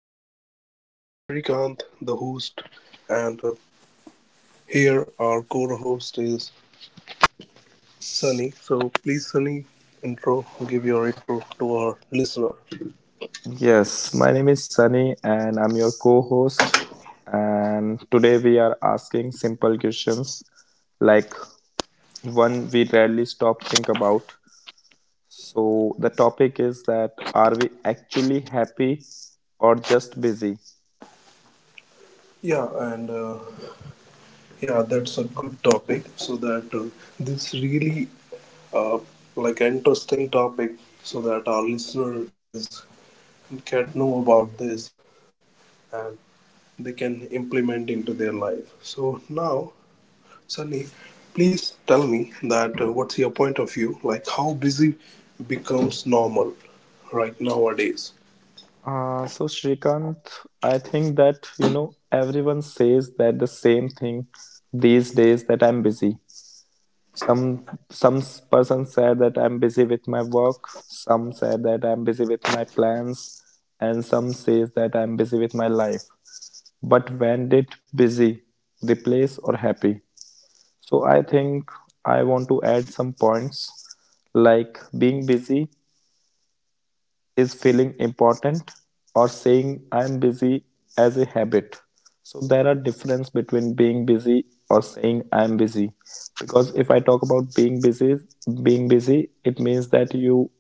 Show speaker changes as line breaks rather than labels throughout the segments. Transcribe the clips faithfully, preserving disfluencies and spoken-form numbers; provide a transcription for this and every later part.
to the podcast. I'm Shrikant, the host, and uh, here our co host is Sunny. So please, Sunny, intro, give your intro to our listener.
Yes, my name is Sunny and I'm your co-host and today we are asking simple questions like one we rarely stop think about. So the topic is that are we actually happy or just busy?
Yeah, and uh, yeah, that's a good topic. So that uh, this really uh, like interesting topic, so that our listener is can know about this and they can implement into their life. So now Sunny, please tell me that uh, what's your point of view? Like how busy becomes normal right nowadays?
Uh, so Shrikant, I think that you know everyone says that the same thing these days that I'm busy. Some some person said that I'm busy with my work, some said that I'm busy with my plans, and some says that I'm busy with my life. But when did busy replace or happy? So I think I want to add some points like being busy is feeling important or saying I'm busy as a habit. So there are difference between being busy or saying I'm busy. Because if I talk about being busy, being busy, it means that you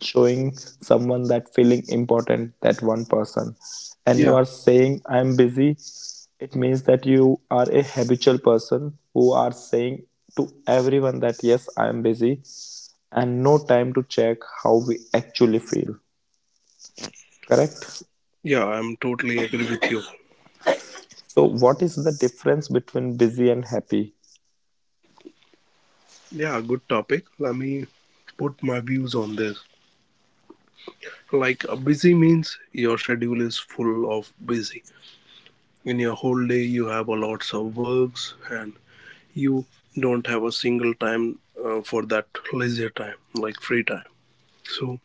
showing someone that feeling important, that one person. And you
Yeah,
are saying I'm busy, it means that you are a habitual person who are saying to everyone that yes, I am busy and no time to check how we actually feel. Correct?
yeah, I'm totally agree with you.
So, what is the difference between busy and happy?
Yeah, good topic. Let me put my views on this. Like uh, busy means your schedule is full of busy. In your whole day, you have a lots of works and you don't have a single time uh, for that leisure time, like free time. So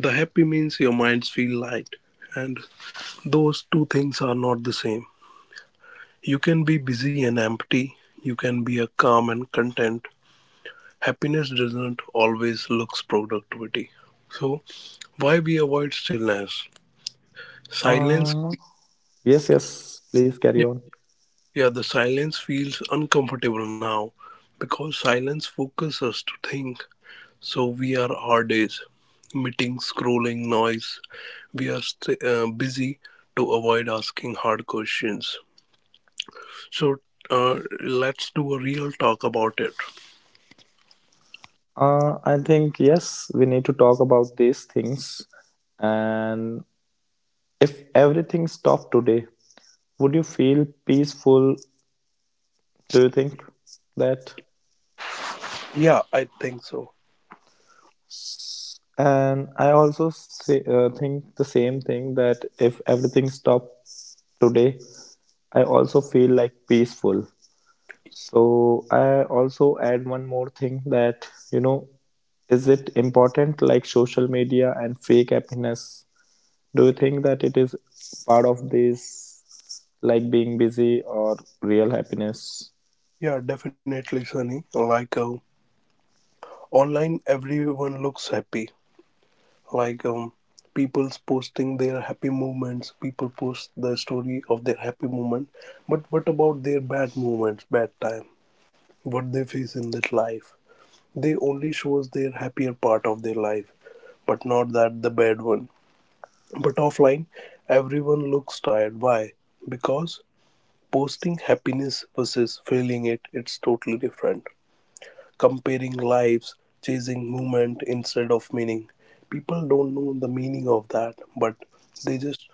the happy means your minds feel light, and those two things are not the same. You can be busy and empty, you can be a calm and content. Happiness doesn't always looks productivity. So why we avoid stillness? Silence,
Uh, yes, yes, please carry
yeah,
on.
yeah, the silence feels uncomfortable now because silence focuses us to think. So we are our days. Meetings, scrolling, noise. We are st- uh, busy to avoid asking hard questions. So uh, let's do a real talk about it.
Uh, I think, yes, we need to talk about these things. And if everything stopped today, would you feel peaceful? Do you think that?
Yeah, I think so.
And I also say, uh, think the same thing that if everything stopped today, I also feel like peaceful. So I also add one more thing that, you know, is it important like social media and fake happiness? Do you think that it is part of this like being busy or real happiness?
Yeah, definitely, Sunny. Like um, online, everyone looks happy. Like um, people's posting their happy moments. People post the story of their happy moment. But what about their bad moments, bad time? What they face in that life? They only shows their happier part of their life, but not that the bad one. But offline, everyone looks tired. Why? Because posting happiness versus feeling it, it's totally different. Comparing lives, chasing movement instead of meaning. People don't know the meaning of that, but they just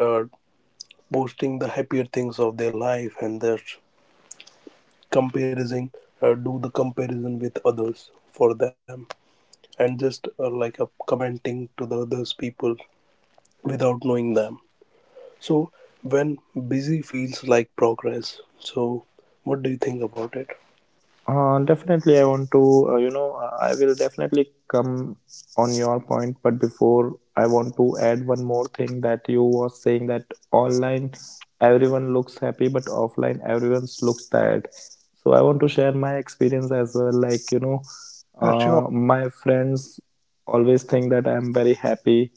uh, posting the happier things of their life, and they're comparing, uh, do the comparison with others for them, and just uh, like a commenting to the others people without knowing them. So when busy feels like progress, so what do you think about it?
Uh, definitely, I want to, uh, you know, uh, I will definitely come on your point, but before I want to add one more thing that you was saying that online everyone looks happy, but offline everyone looks tired. So I want to share my experience as well. Like, you know, uh, my friends always think that I'm very happy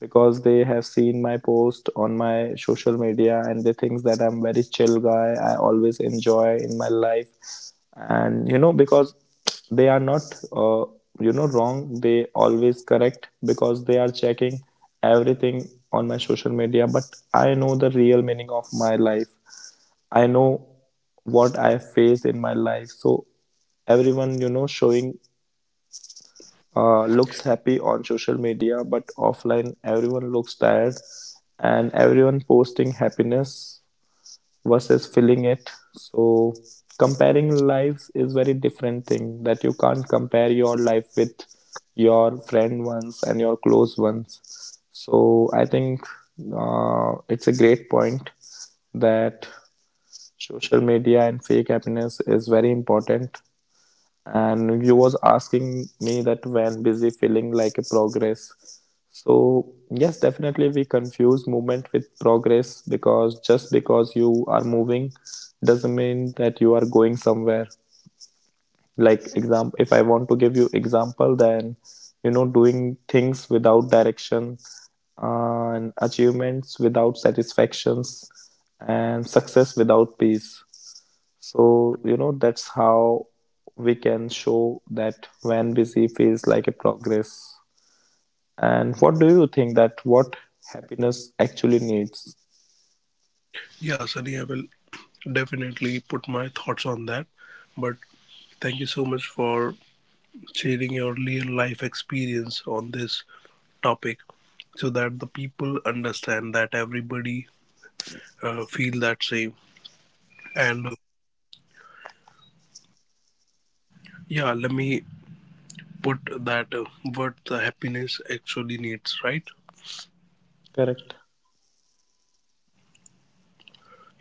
because they have seen my post on my social media and they think that I'm very chill guy. I always enjoy in my life, and you know because they are not uh, you know wrong. They always correct because they are checking everything on my social media. But I know the real meaning of my life. I know what I faced in my life. So everyone you know showing uh, looks happy on social media, but offline everyone looks tired and everyone posting happiness versus feeling it. So comparing lives is very different thing that you can't compare your life with your friend ones and your close ones. So I think uh, it's a great point that social media and fake happiness is very important and you was asking me that when busy feeling like a progress, so yes, definitely we confuse movement with progress because just because you are moving doesn't mean that you are going somewhere, like example, if I want to give you example, then you know doing things without direction, uh, and achievements without satisfactions and success without peace. So, you know, that's how we can show that when busy feels like a progress. And what do you think that what happiness actually needs?
Yeah, Sunny, I will definitely put my thoughts on that. But thank you so much for sharing your real life experience on this topic, so that the people understand that everybody uh, feel that same. And uh, yeah, let me put that uh, what the happiness actually needs, right?
Correct.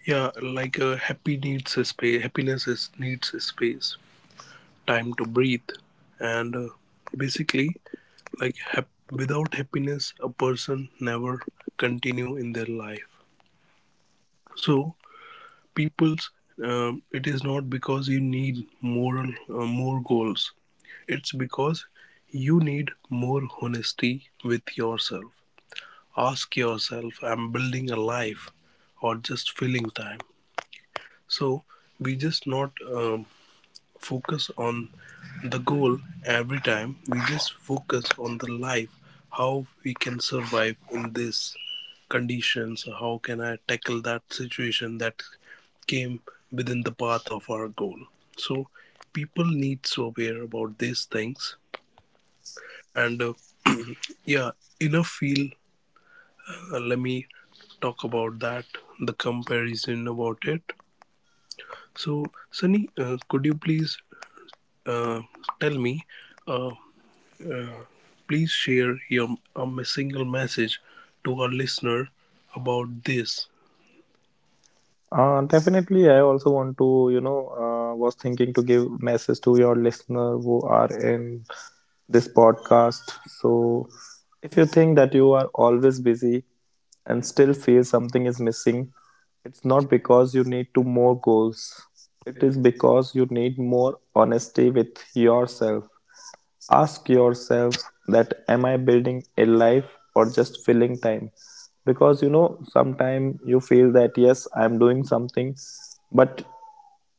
Yeah, like uh, happy needs a space. Happiness is, needs a space, time to breathe, and uh, basically like hap- without happiness a person never continue in their life, so people's, um, it is not because you need moral uh, more goals, it's because you need more honesty with yourself. Ask yourself, I'm building a life or just filling time? So we just not, um, focus on the goal every time. We just focus on the life, how we can survive in this conditions, how can I tackle that situation that came within the path of our goal. So people need to aware about these things, and uh, yeah, enough feel, uh, let me talk about that the comparison about it. So Sunny, uh, could you please, uh, tell me, uh, please share your a single message to our listener about this.
Uh, definitely, I also want to, you know, uh, was thinking to give message to your listener who are in this podcast. So, if you think that you are always busy and still feel something is missing, it's not because you need to more goals. It is because you need more honesty with yourself. Ask yourself that am I building a life or just filling time? Because you know, sometimes you feel that yes, I'm doing something, but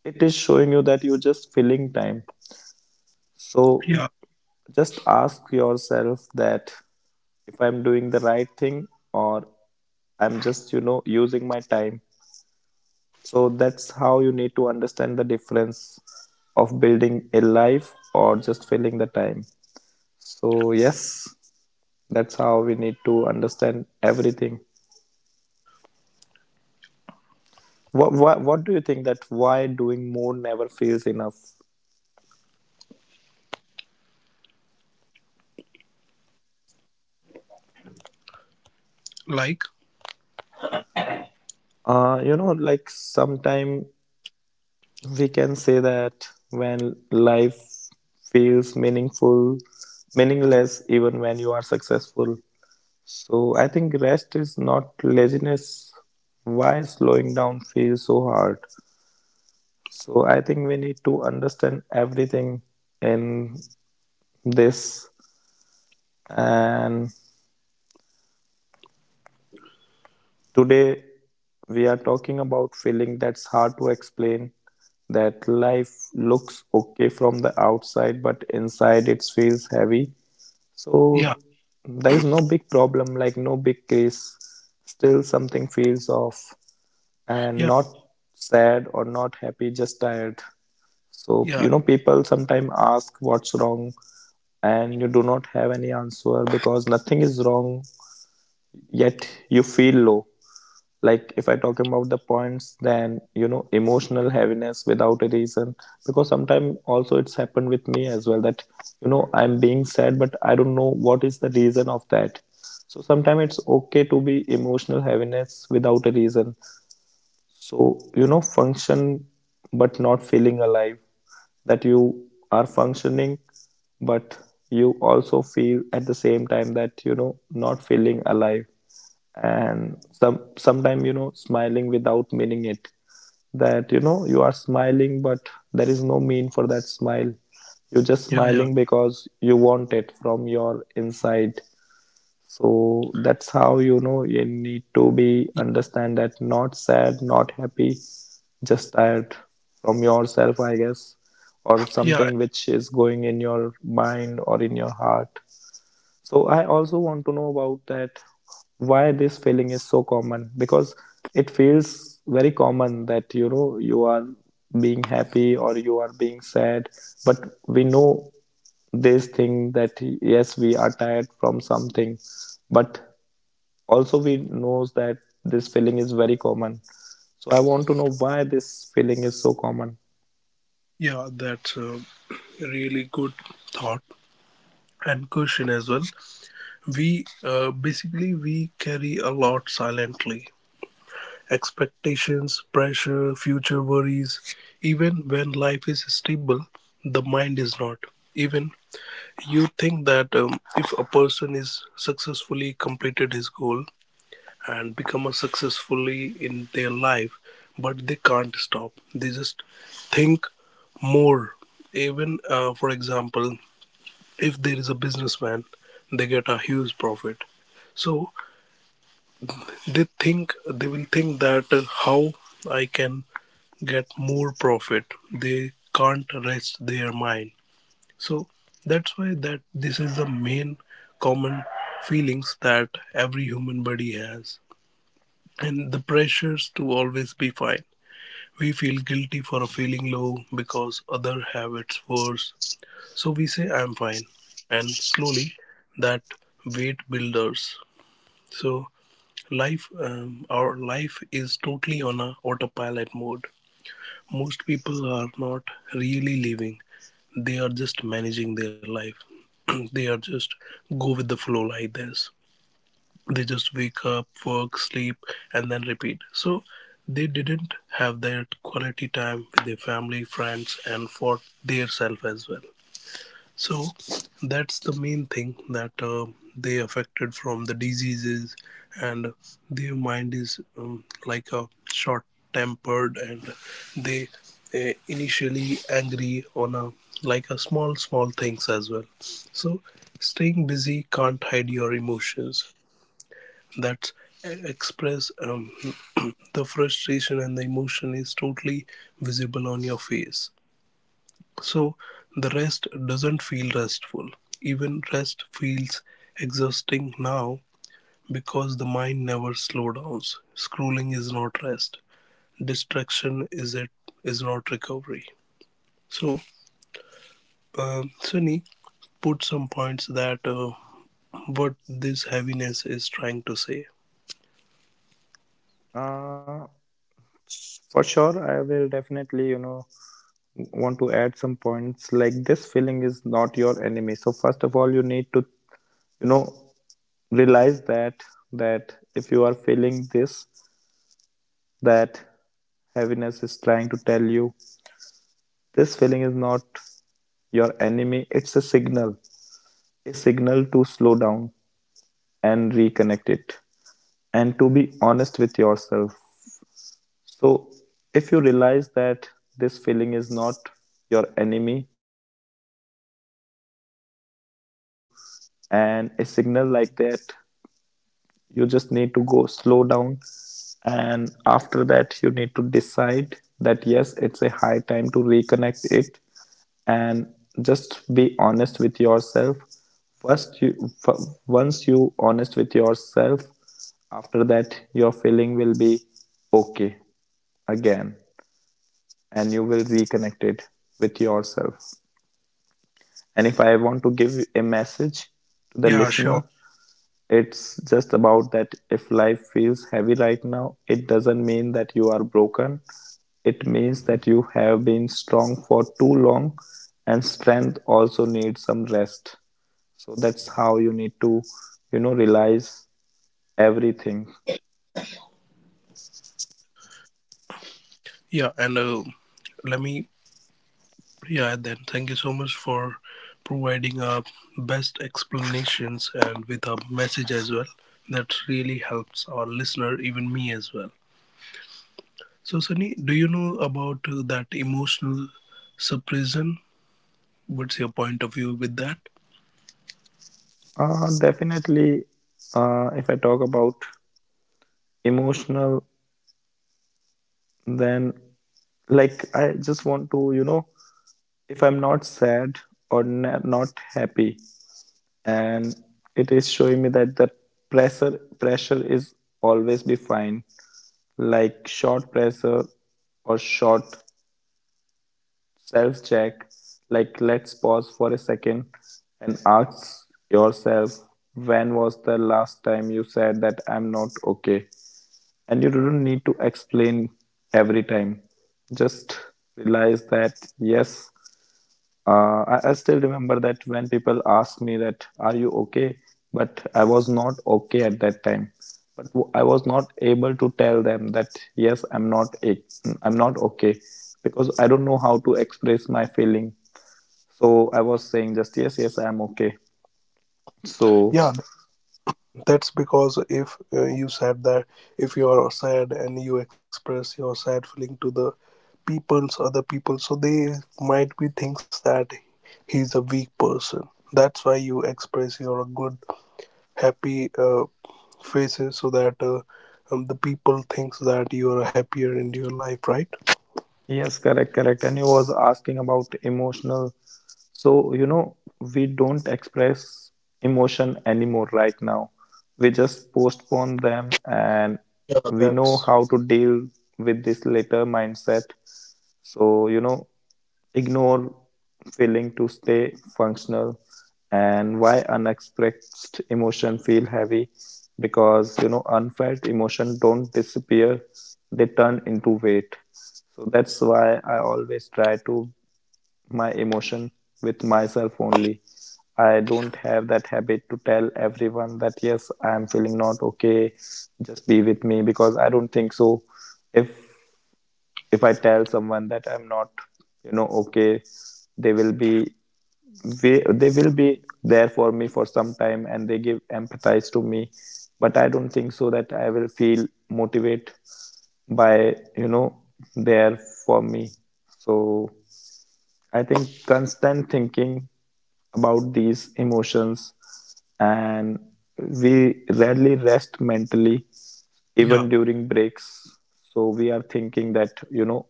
it is showing you that you're just filling time. So
Yeah,
just ask yourself that if I'm doing the right thing or I'm just, you know, using my time. So that's how you need to understand the difference of building a life or just filling the time. So, yes, that's how we need to understand everything. What, what, what do you think that why doing more never feels enough?
like
Uh, you know, like sometime we can say that when life feels meaningful, meaningless, even when you are successful. So I think rest is not laziness. Why slowing down feels so hard? So I think we need to understand everything in this. And today, we are talking about feeling that's hard to explain, that life looks okay from the outside, but inside it feels heavy. So,
yeah,
there is no big problem, like no big case. Still, something feels off, and
yeah,
not sad or not happy, just tired. So, you
yeah,
know, people sometimes ask what's wrong, and you do not have any answer because nothing is wrong, yet you feel low. Like if I talk about the points, then you know emotional heaviness without a reason, because sometimes also it's happened with me as well that you know I'm being sad but I don't know what is the reason of that. So sometimes it's okay to be emotional heaviness without a reason. So you know function but not feeling alive, that you are functioning but you also feel at the same time that you know not feeling alive. And some sometime you know smiling without meaning it, that you know you are smiling but there is no mean for that smile, you're just
yeah, yeah,
smiling because you want it from your inside. So that's how you know you need to be
yeah,
understand that not sad not happy, just tired from yourself I guess, or
yeah.
something which is going in your mind or in your heart. So I also want to know about that why this feeling is so common, because it feels very common that you know you are being happy or you are being sad but we know this thing that yes we are tired from something but also, we knows that this feeling is very common. So I want to know why this feeling is so common.
yeah, That's a really good thought and question as well. We, uh, basically we carry a lot silently. Expectations, pressure, future worries. Even when life is stable, the mind is not. Even you think that, um, if a person is successfully completed his goal and become a successfully in their life, but they can't stop, they just think more. Even uh, for example, if there is a businessman, they get a huge profit, so they think, they will think that, uh, how I can get more profit. They can't rest their mind. So that's why that this is the main common feelings that every human body has, and the pressures to always be fine. We feel guilty for feeling low because other have it's worse. So we say I'm fine, and slowly that weight builders. So life, um, our life is totally on a autopilot mode. Most people are not really living, they are just managing their life. They are just go with the flow like this. They just wake up, work, sleep, and then repeat. So they didn't have that quality time with their family, friends, and for their self as well. So that's the main thing that, uh, they affected from the diseases, and their mind is, um, like a short tempered, and they, uh, initially angry on a like a small small things as well. So staying busy can't hide your emotions. That's, eh, express, um, the frustration and the emotion is totally visible on your face. So the rest doesn't feel restful. Even rest feels exhausting now because the mind never slows down. Scrolling is not rest. Distraction is, it is not recovery. So, um, Sunny, put some points that uh, what this heaviness is trying to say.
Uh, for sure, I will definitely, you know, want to add some points like this feeling is not your enemy. So first of all, you need to, you know, realize that that if you are feeling this, that heaviness is trying to tell you this feeling is not your enemy. It's a signal, a signal to slow down and reconnect it, and to be honest with yourself. So, if you realize that this feeling is not your enemy, it's giving a signal to you, and a signal like that, you just need to go slow down. And after that, you need to decide that yes, it's a high time to reconnect it and just be honest with yourself. First you f- once you honest with yourself, after that your feeling will be okay again and you will reconnect it with yourself. And if I want to give a message to the
Yeah, sure.
listener, it's just about that if life feels heavy right now it doesn't mean that you are broken, it means that you have been strong for too long, and strength also needs some rest. So that's how you need to, you know, realize everything.
Yeah, and uh, let me, yeah, then thank you so much for providing our best explanations and with a message as well. That really helps our listener, even me as well. So, Sunny, do you know about uh, that emotional suppression? What's your point of view with that?
Uh, definitely, uh, if I talk about emotional, then like I just want to, you know, if I'm not sad or na- not happy, and it is showing me that the pressure pressure is always be fine, like short pressure or short self check. Like let's pause for a second and ask yourself when was the last time you said that I'm not okay, and you don't need to explain every time, just realize that yes, uh, I, I still remember that when people asked me that, "Are you okay?" But I was not okay at that time. But w- I was not able to tell them that yes, I'm not a- I'm not okay because I don't know how to express my feeling. So I was saying just yes, yes, I'm okay. So
Yeah, that's because if, uh, you said that, if you are sad and you express your sad feeling to the people's, other people, so they might be thinks that he's a weak person. That's why you express your good, happy uh, faces, so that, uh, um, the people thinks that you are happier in your life, right?
yes, correct, correct. And you was asking about emotional. So, you know, we don't express emotion anymore right now. We just postpone them and
Yeah,
we know
that's
how to deal with this later mindset. So, you know, ignore feeling to stay functional, and why unexpressed emotion feel heavy, because you know unfelt emotion don't disappear, they turn into weight. So that's why I always try to my emotion with myself only. I don't have that habit to tell everyone that yes I am feeling not okay, just be with me, because I don't think so. If if I tell someone that I'm not, you know, okay, they will be they, they will be there for me for some time and they give empathize to me, but I don't think so that I will feel motivate by you know there for me. So I think constant thinking about these emotions, and we rarely rest mentally even
yeah,
during breaks. So we are thinking that, you know,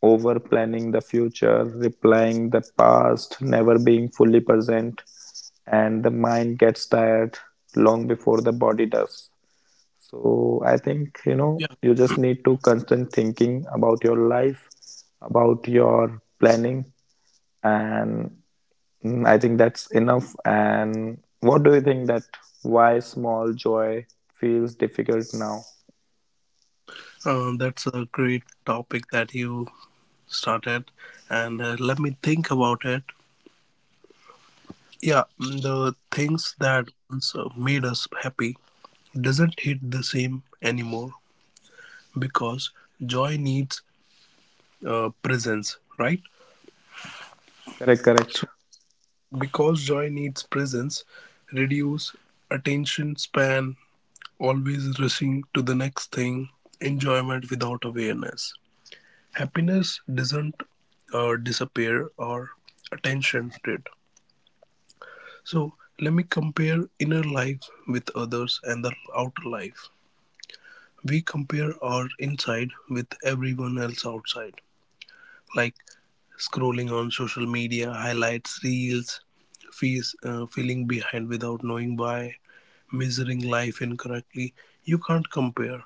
over planning the future, replying the past, never being fully present, and the mind gets tired long before the body does. So I think, you know,
yeah.
you just need to constant thinking about your life, about your planning, and mm, I think that's enough. And what do you think that why small joy feels difficult now?
Uh, that's a great topic that you started, and uh, let me think about it. Yeah, mm, the things that once uh, made us happy doesn't hit the same anymore because joy needs, uh, presence, right?
Correct, correct.
So because joy needs presence, reduce attention span, always rushing to the next thing, enjoyment without awareness. Happiness doesn't uh, disappear, or attention did. So let me compare inner life with others and the outer life. We compare our inside with everyone else outside, like scrolling on social media, highlights, reels, fees, uh, feeling behind without knowing why, measuring life incorrectly. You can't compare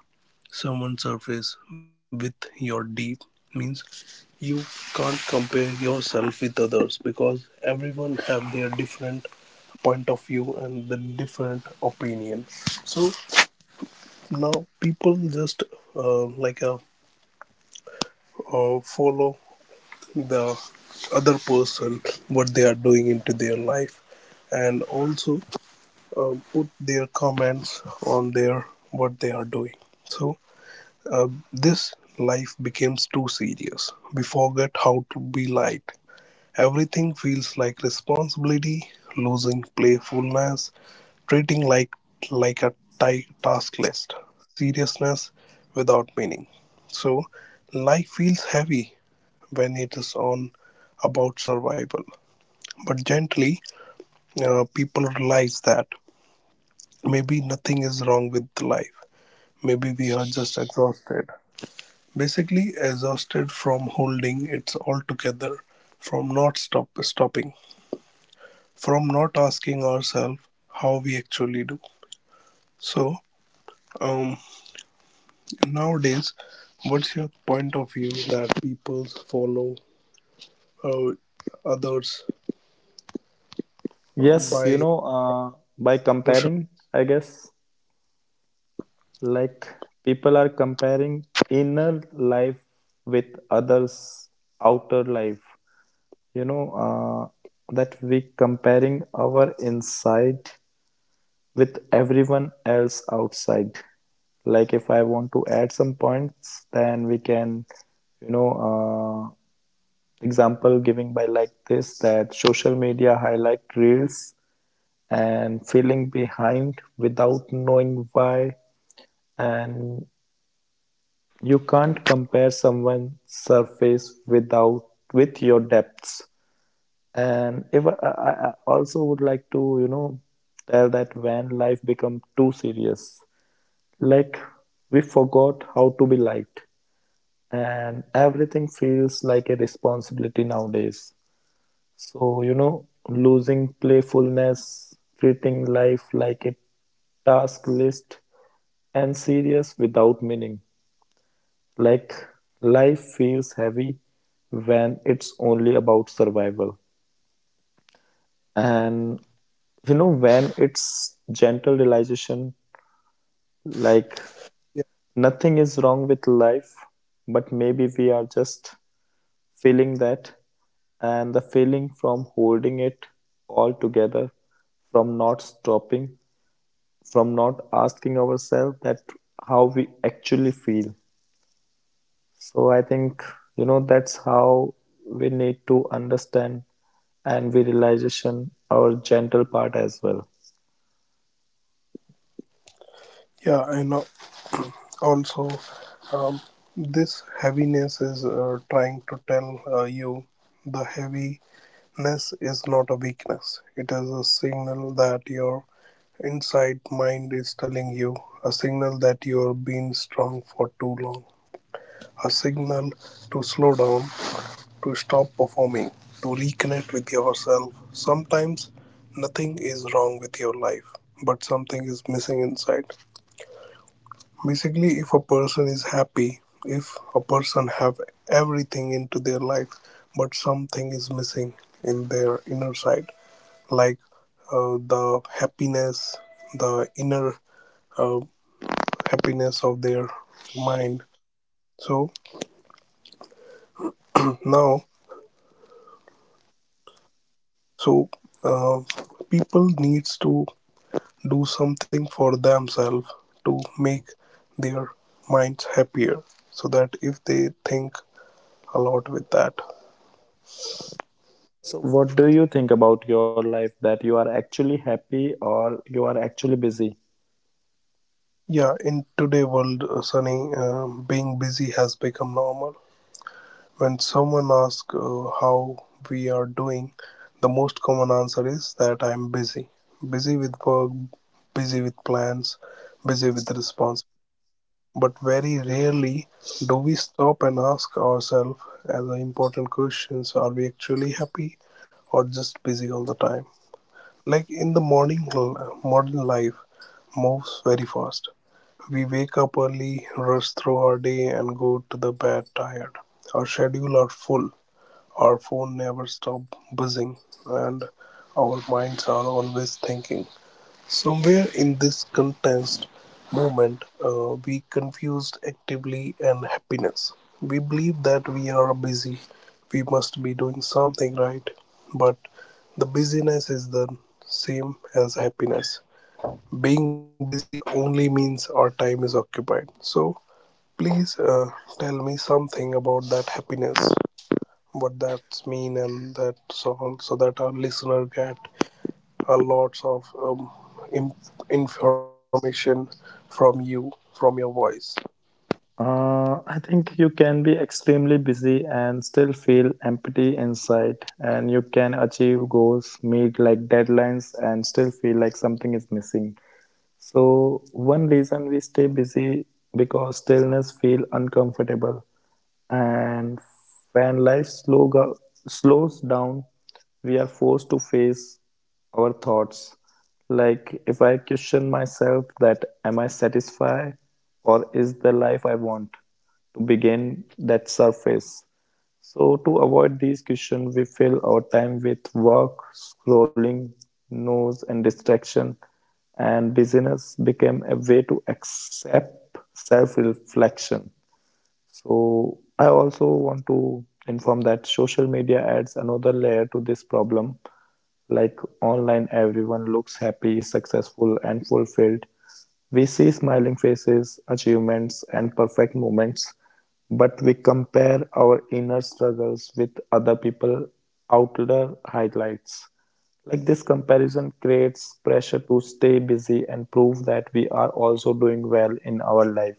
someone's surface with your deep. Means you can't compare yourself with others because everyone have their different point of view and the different opinion. So now people just, uh, like uh, uh, follow the other person what they are doing into their life, and also uh, put their comments on their what they are doing. So uh, this life becomes too serious. We forget how to be light. Everything feels like responsibility, losing playfulness, treating like like a ti- task list, seriousness without meaning. So life feels heavy when it is on about survival. But gently, uh, people realize that maybe nothing is wrong with life. Maybe we are just exhausted. Basically, exhausted from holding it all together, from not stop stopping. From not asking ourselves how we actually do. So, um, nowadays, what's your point of view that people follow, uh, others, um,
Yes, you
by
know, uh, by
social?
comparing, I guess, like people are comparing inner life with others' outer life. you know, uh, that we comparing our inside with everyone else outside. Like if I want to add some points, then we can, you know, uh, example giving by like this that social media highlight reels and feeling behind without knowing why, and you can't compare someone's surface without with your depths. And if I, I I also would like to, you know, tell that when life become too serious, like we forgot how to be liked, and everything feels like a responsibility nowadays. So, you know, losing playfulness, treating life like a task list, and serious without meaning. Like life feels heavy when it's only about survival. And you know when it's gentle realization like
Yeah,
nothing is wrong with life, but maybe we are just feeling that, and the feeling from holding it all together, from not stopping, from not asking ourselves that how we actually feel. So I think, you know that's how we need to understand, and we realization our gentle part as well.
yeah, and uh, also, um, this heaviness is, uh, trying to tell, uh, you, the heaviness is not a weakness. It is a signal that your inside mind is telling you, a signal that you are being strong for too long. A signal to slow down, to stop performing, to reconnect with yourself. Sometimes nothing is wrong with your life, but something is missing inside. Basically, if a person is happy, if a person have everything into their life, but something is missing in their inner side, like, uh, the happiness, the inner uh, happiness of their mind. So now, so, uh, people needs to do something for themselves to make their minds happier, so that if they think a lot with that,
So, what do you think about your life, that you are actually happy or you are actually busy?
yeah, in today world, uh, Sunny, um, being busy has become normal. When someone asks, uh, how we are doing, the most common answer is that I'm busy, busy with work, busy with plans, busy with responsibilities. But very rarely do we stop and ask ourselves as the important questions, are we actually happy or just busy all the time? Like in the morning, l- modern life moves very fast. We wake up early, rush through our day, and go to the bed tired. Our schedule are full. Our phone never stop buzzing, and our minds are always thinking. Somewhere in this contest moment, uh, we confused actively and happiness. We believe that we are busy, we must be doing something right, but the busyness is the same as happiness. Being busy only means our time is occupied. So please, uh, tell me something about that happiness, what that's mean, and that's all, so that our listener get a lots of, um, im information from you, from your voice,
Uh, I think you can be extremely busy and still feel empty inside, and you can achieve goals, meet like deadlines, and still feel like something is missing. So, one reason we stay busy because stillness feel uncomfortable. And when life slow go- slows down, we are forced to face our thoughts. Like if I question myself that am I satisfied, or is the life I want to begin that surface. So to avoid these questions, we fill our time with work, scrolling, news and distraction, and busyness became a way to accept self-reflection. So I also want to inform that social media adds another layer to this problem. Like online, everyone looks happy, successful, and fulfilled. We see smiling faces, achievements, and perfect moments, but we compare our inner struggles with other people's outer highlights. Like this comparison creates pressure to stay busy and prove that we are also doing well in our life.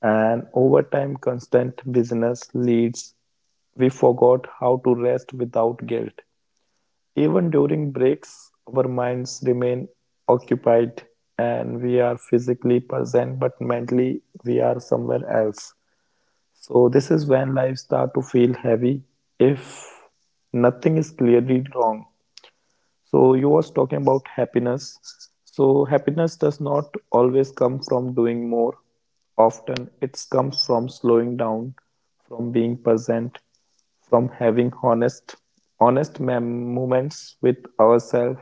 And over time constant business leads we forgot how to rest without guilt. Even during breaks, our minds remain occupied, and we are physically present, but mentally we are somewhere else. So this is when life starts to feel heavy if nothing is clearly wrong. So you was talking about happiness. So happiness does not always come from doing more. Often it comes from slowing down, from being present, from having honest honest mem- moments with ourselves,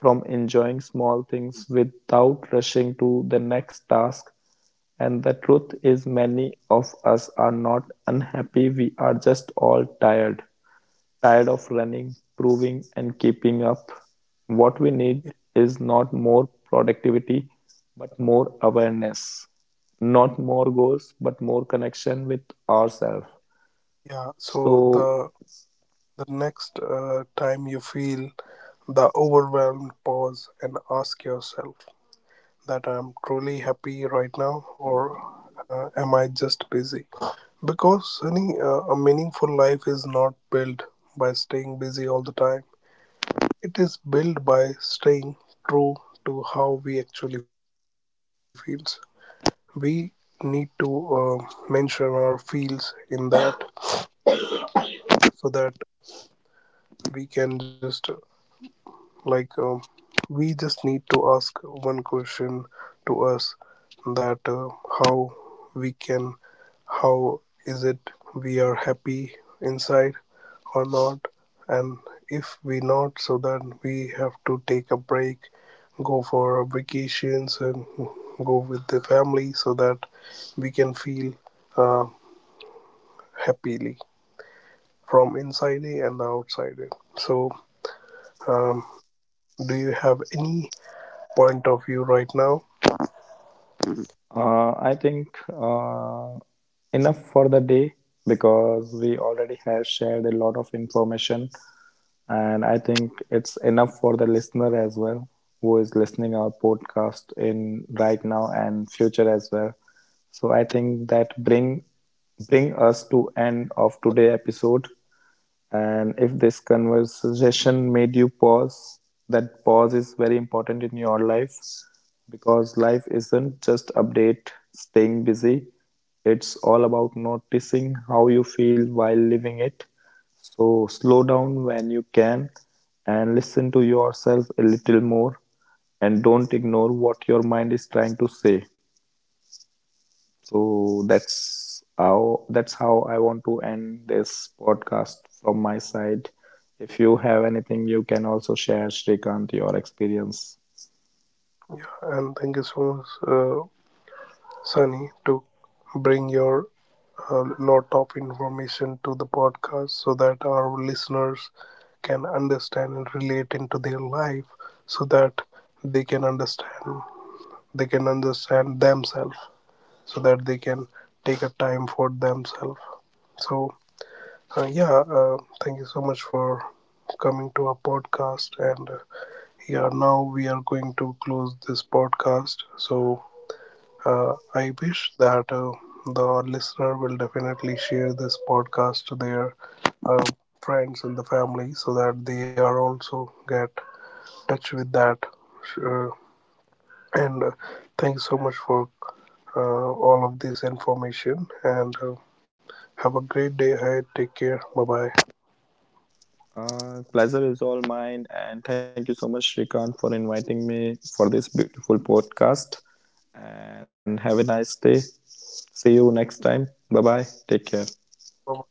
from enjoying small things without rushing to the next task. And the truth is many of us are not unhappy, we are just all tired. Tired of running, proving and keeping up? What we need
yeah
is not more productivity, but more awareness. Not more goals, but more connection with ourselves.
yeah. So
So
the the next uh, time you feel the overwhelmed, pause and ask yourself that, I'm truly happy right now, or uh, am I just busy? Because any, uh, a meaningful life is not built by staying busy all the time. It is built by staying true to how we actually feel.s We need to, uh, mention our fields in that, so that we can just, uh, like um, we just need to ask one question to us that, uh, how we can, how is it we are happy inside or not? And if we not, so then we have to take a break, go for our vacations, and go with the family, so that we can feel, uh, happily from inside in and outside in. So, um, do you have any point of view right now?
uh, I think, uh, enough for the day, because we already have shared a lot of information, and I think it's enough for the listener as well who is listening our podcast in right now and future as well. So I think that bring bring us to end of today episode. And if this conversation made you pause, that pause is very important in your life, because life isn't just update, staying busy. It's all about noticing how you feel while living it. So slow down when you can and listen to yourself a little more, and don't ignore what your mind is trying to say. So that's how that's how I want to end this podcast from my side. If you have anything, you can also share, Shrikant, your experience.
And thank you so much, uh, Sunny, to bring your uh, lot of information to the podcast, so that our listeners can understand and relate into their life, so that they can understand they can understand themselves, so that they can take a time for themselves. So, Uh, yeah, uh, thank you so much for coming to our podcast. And uh, yeah, now we are going to close this podcast. So, uh, I wish that, uh, the listener will definitely share this podcast to their, uh, friends and the family, so that they are also get touch with that. Uh, and uh, thank you so much for, uh, all of this information. And uh, have a great day ahead. Take care. Bye
Uh, pleasure is all mine, and thank you so much, Shrikant, for inviting me for this beautiful podcast. And have a nice day. See you next time. Bye bye. Take care.
bye.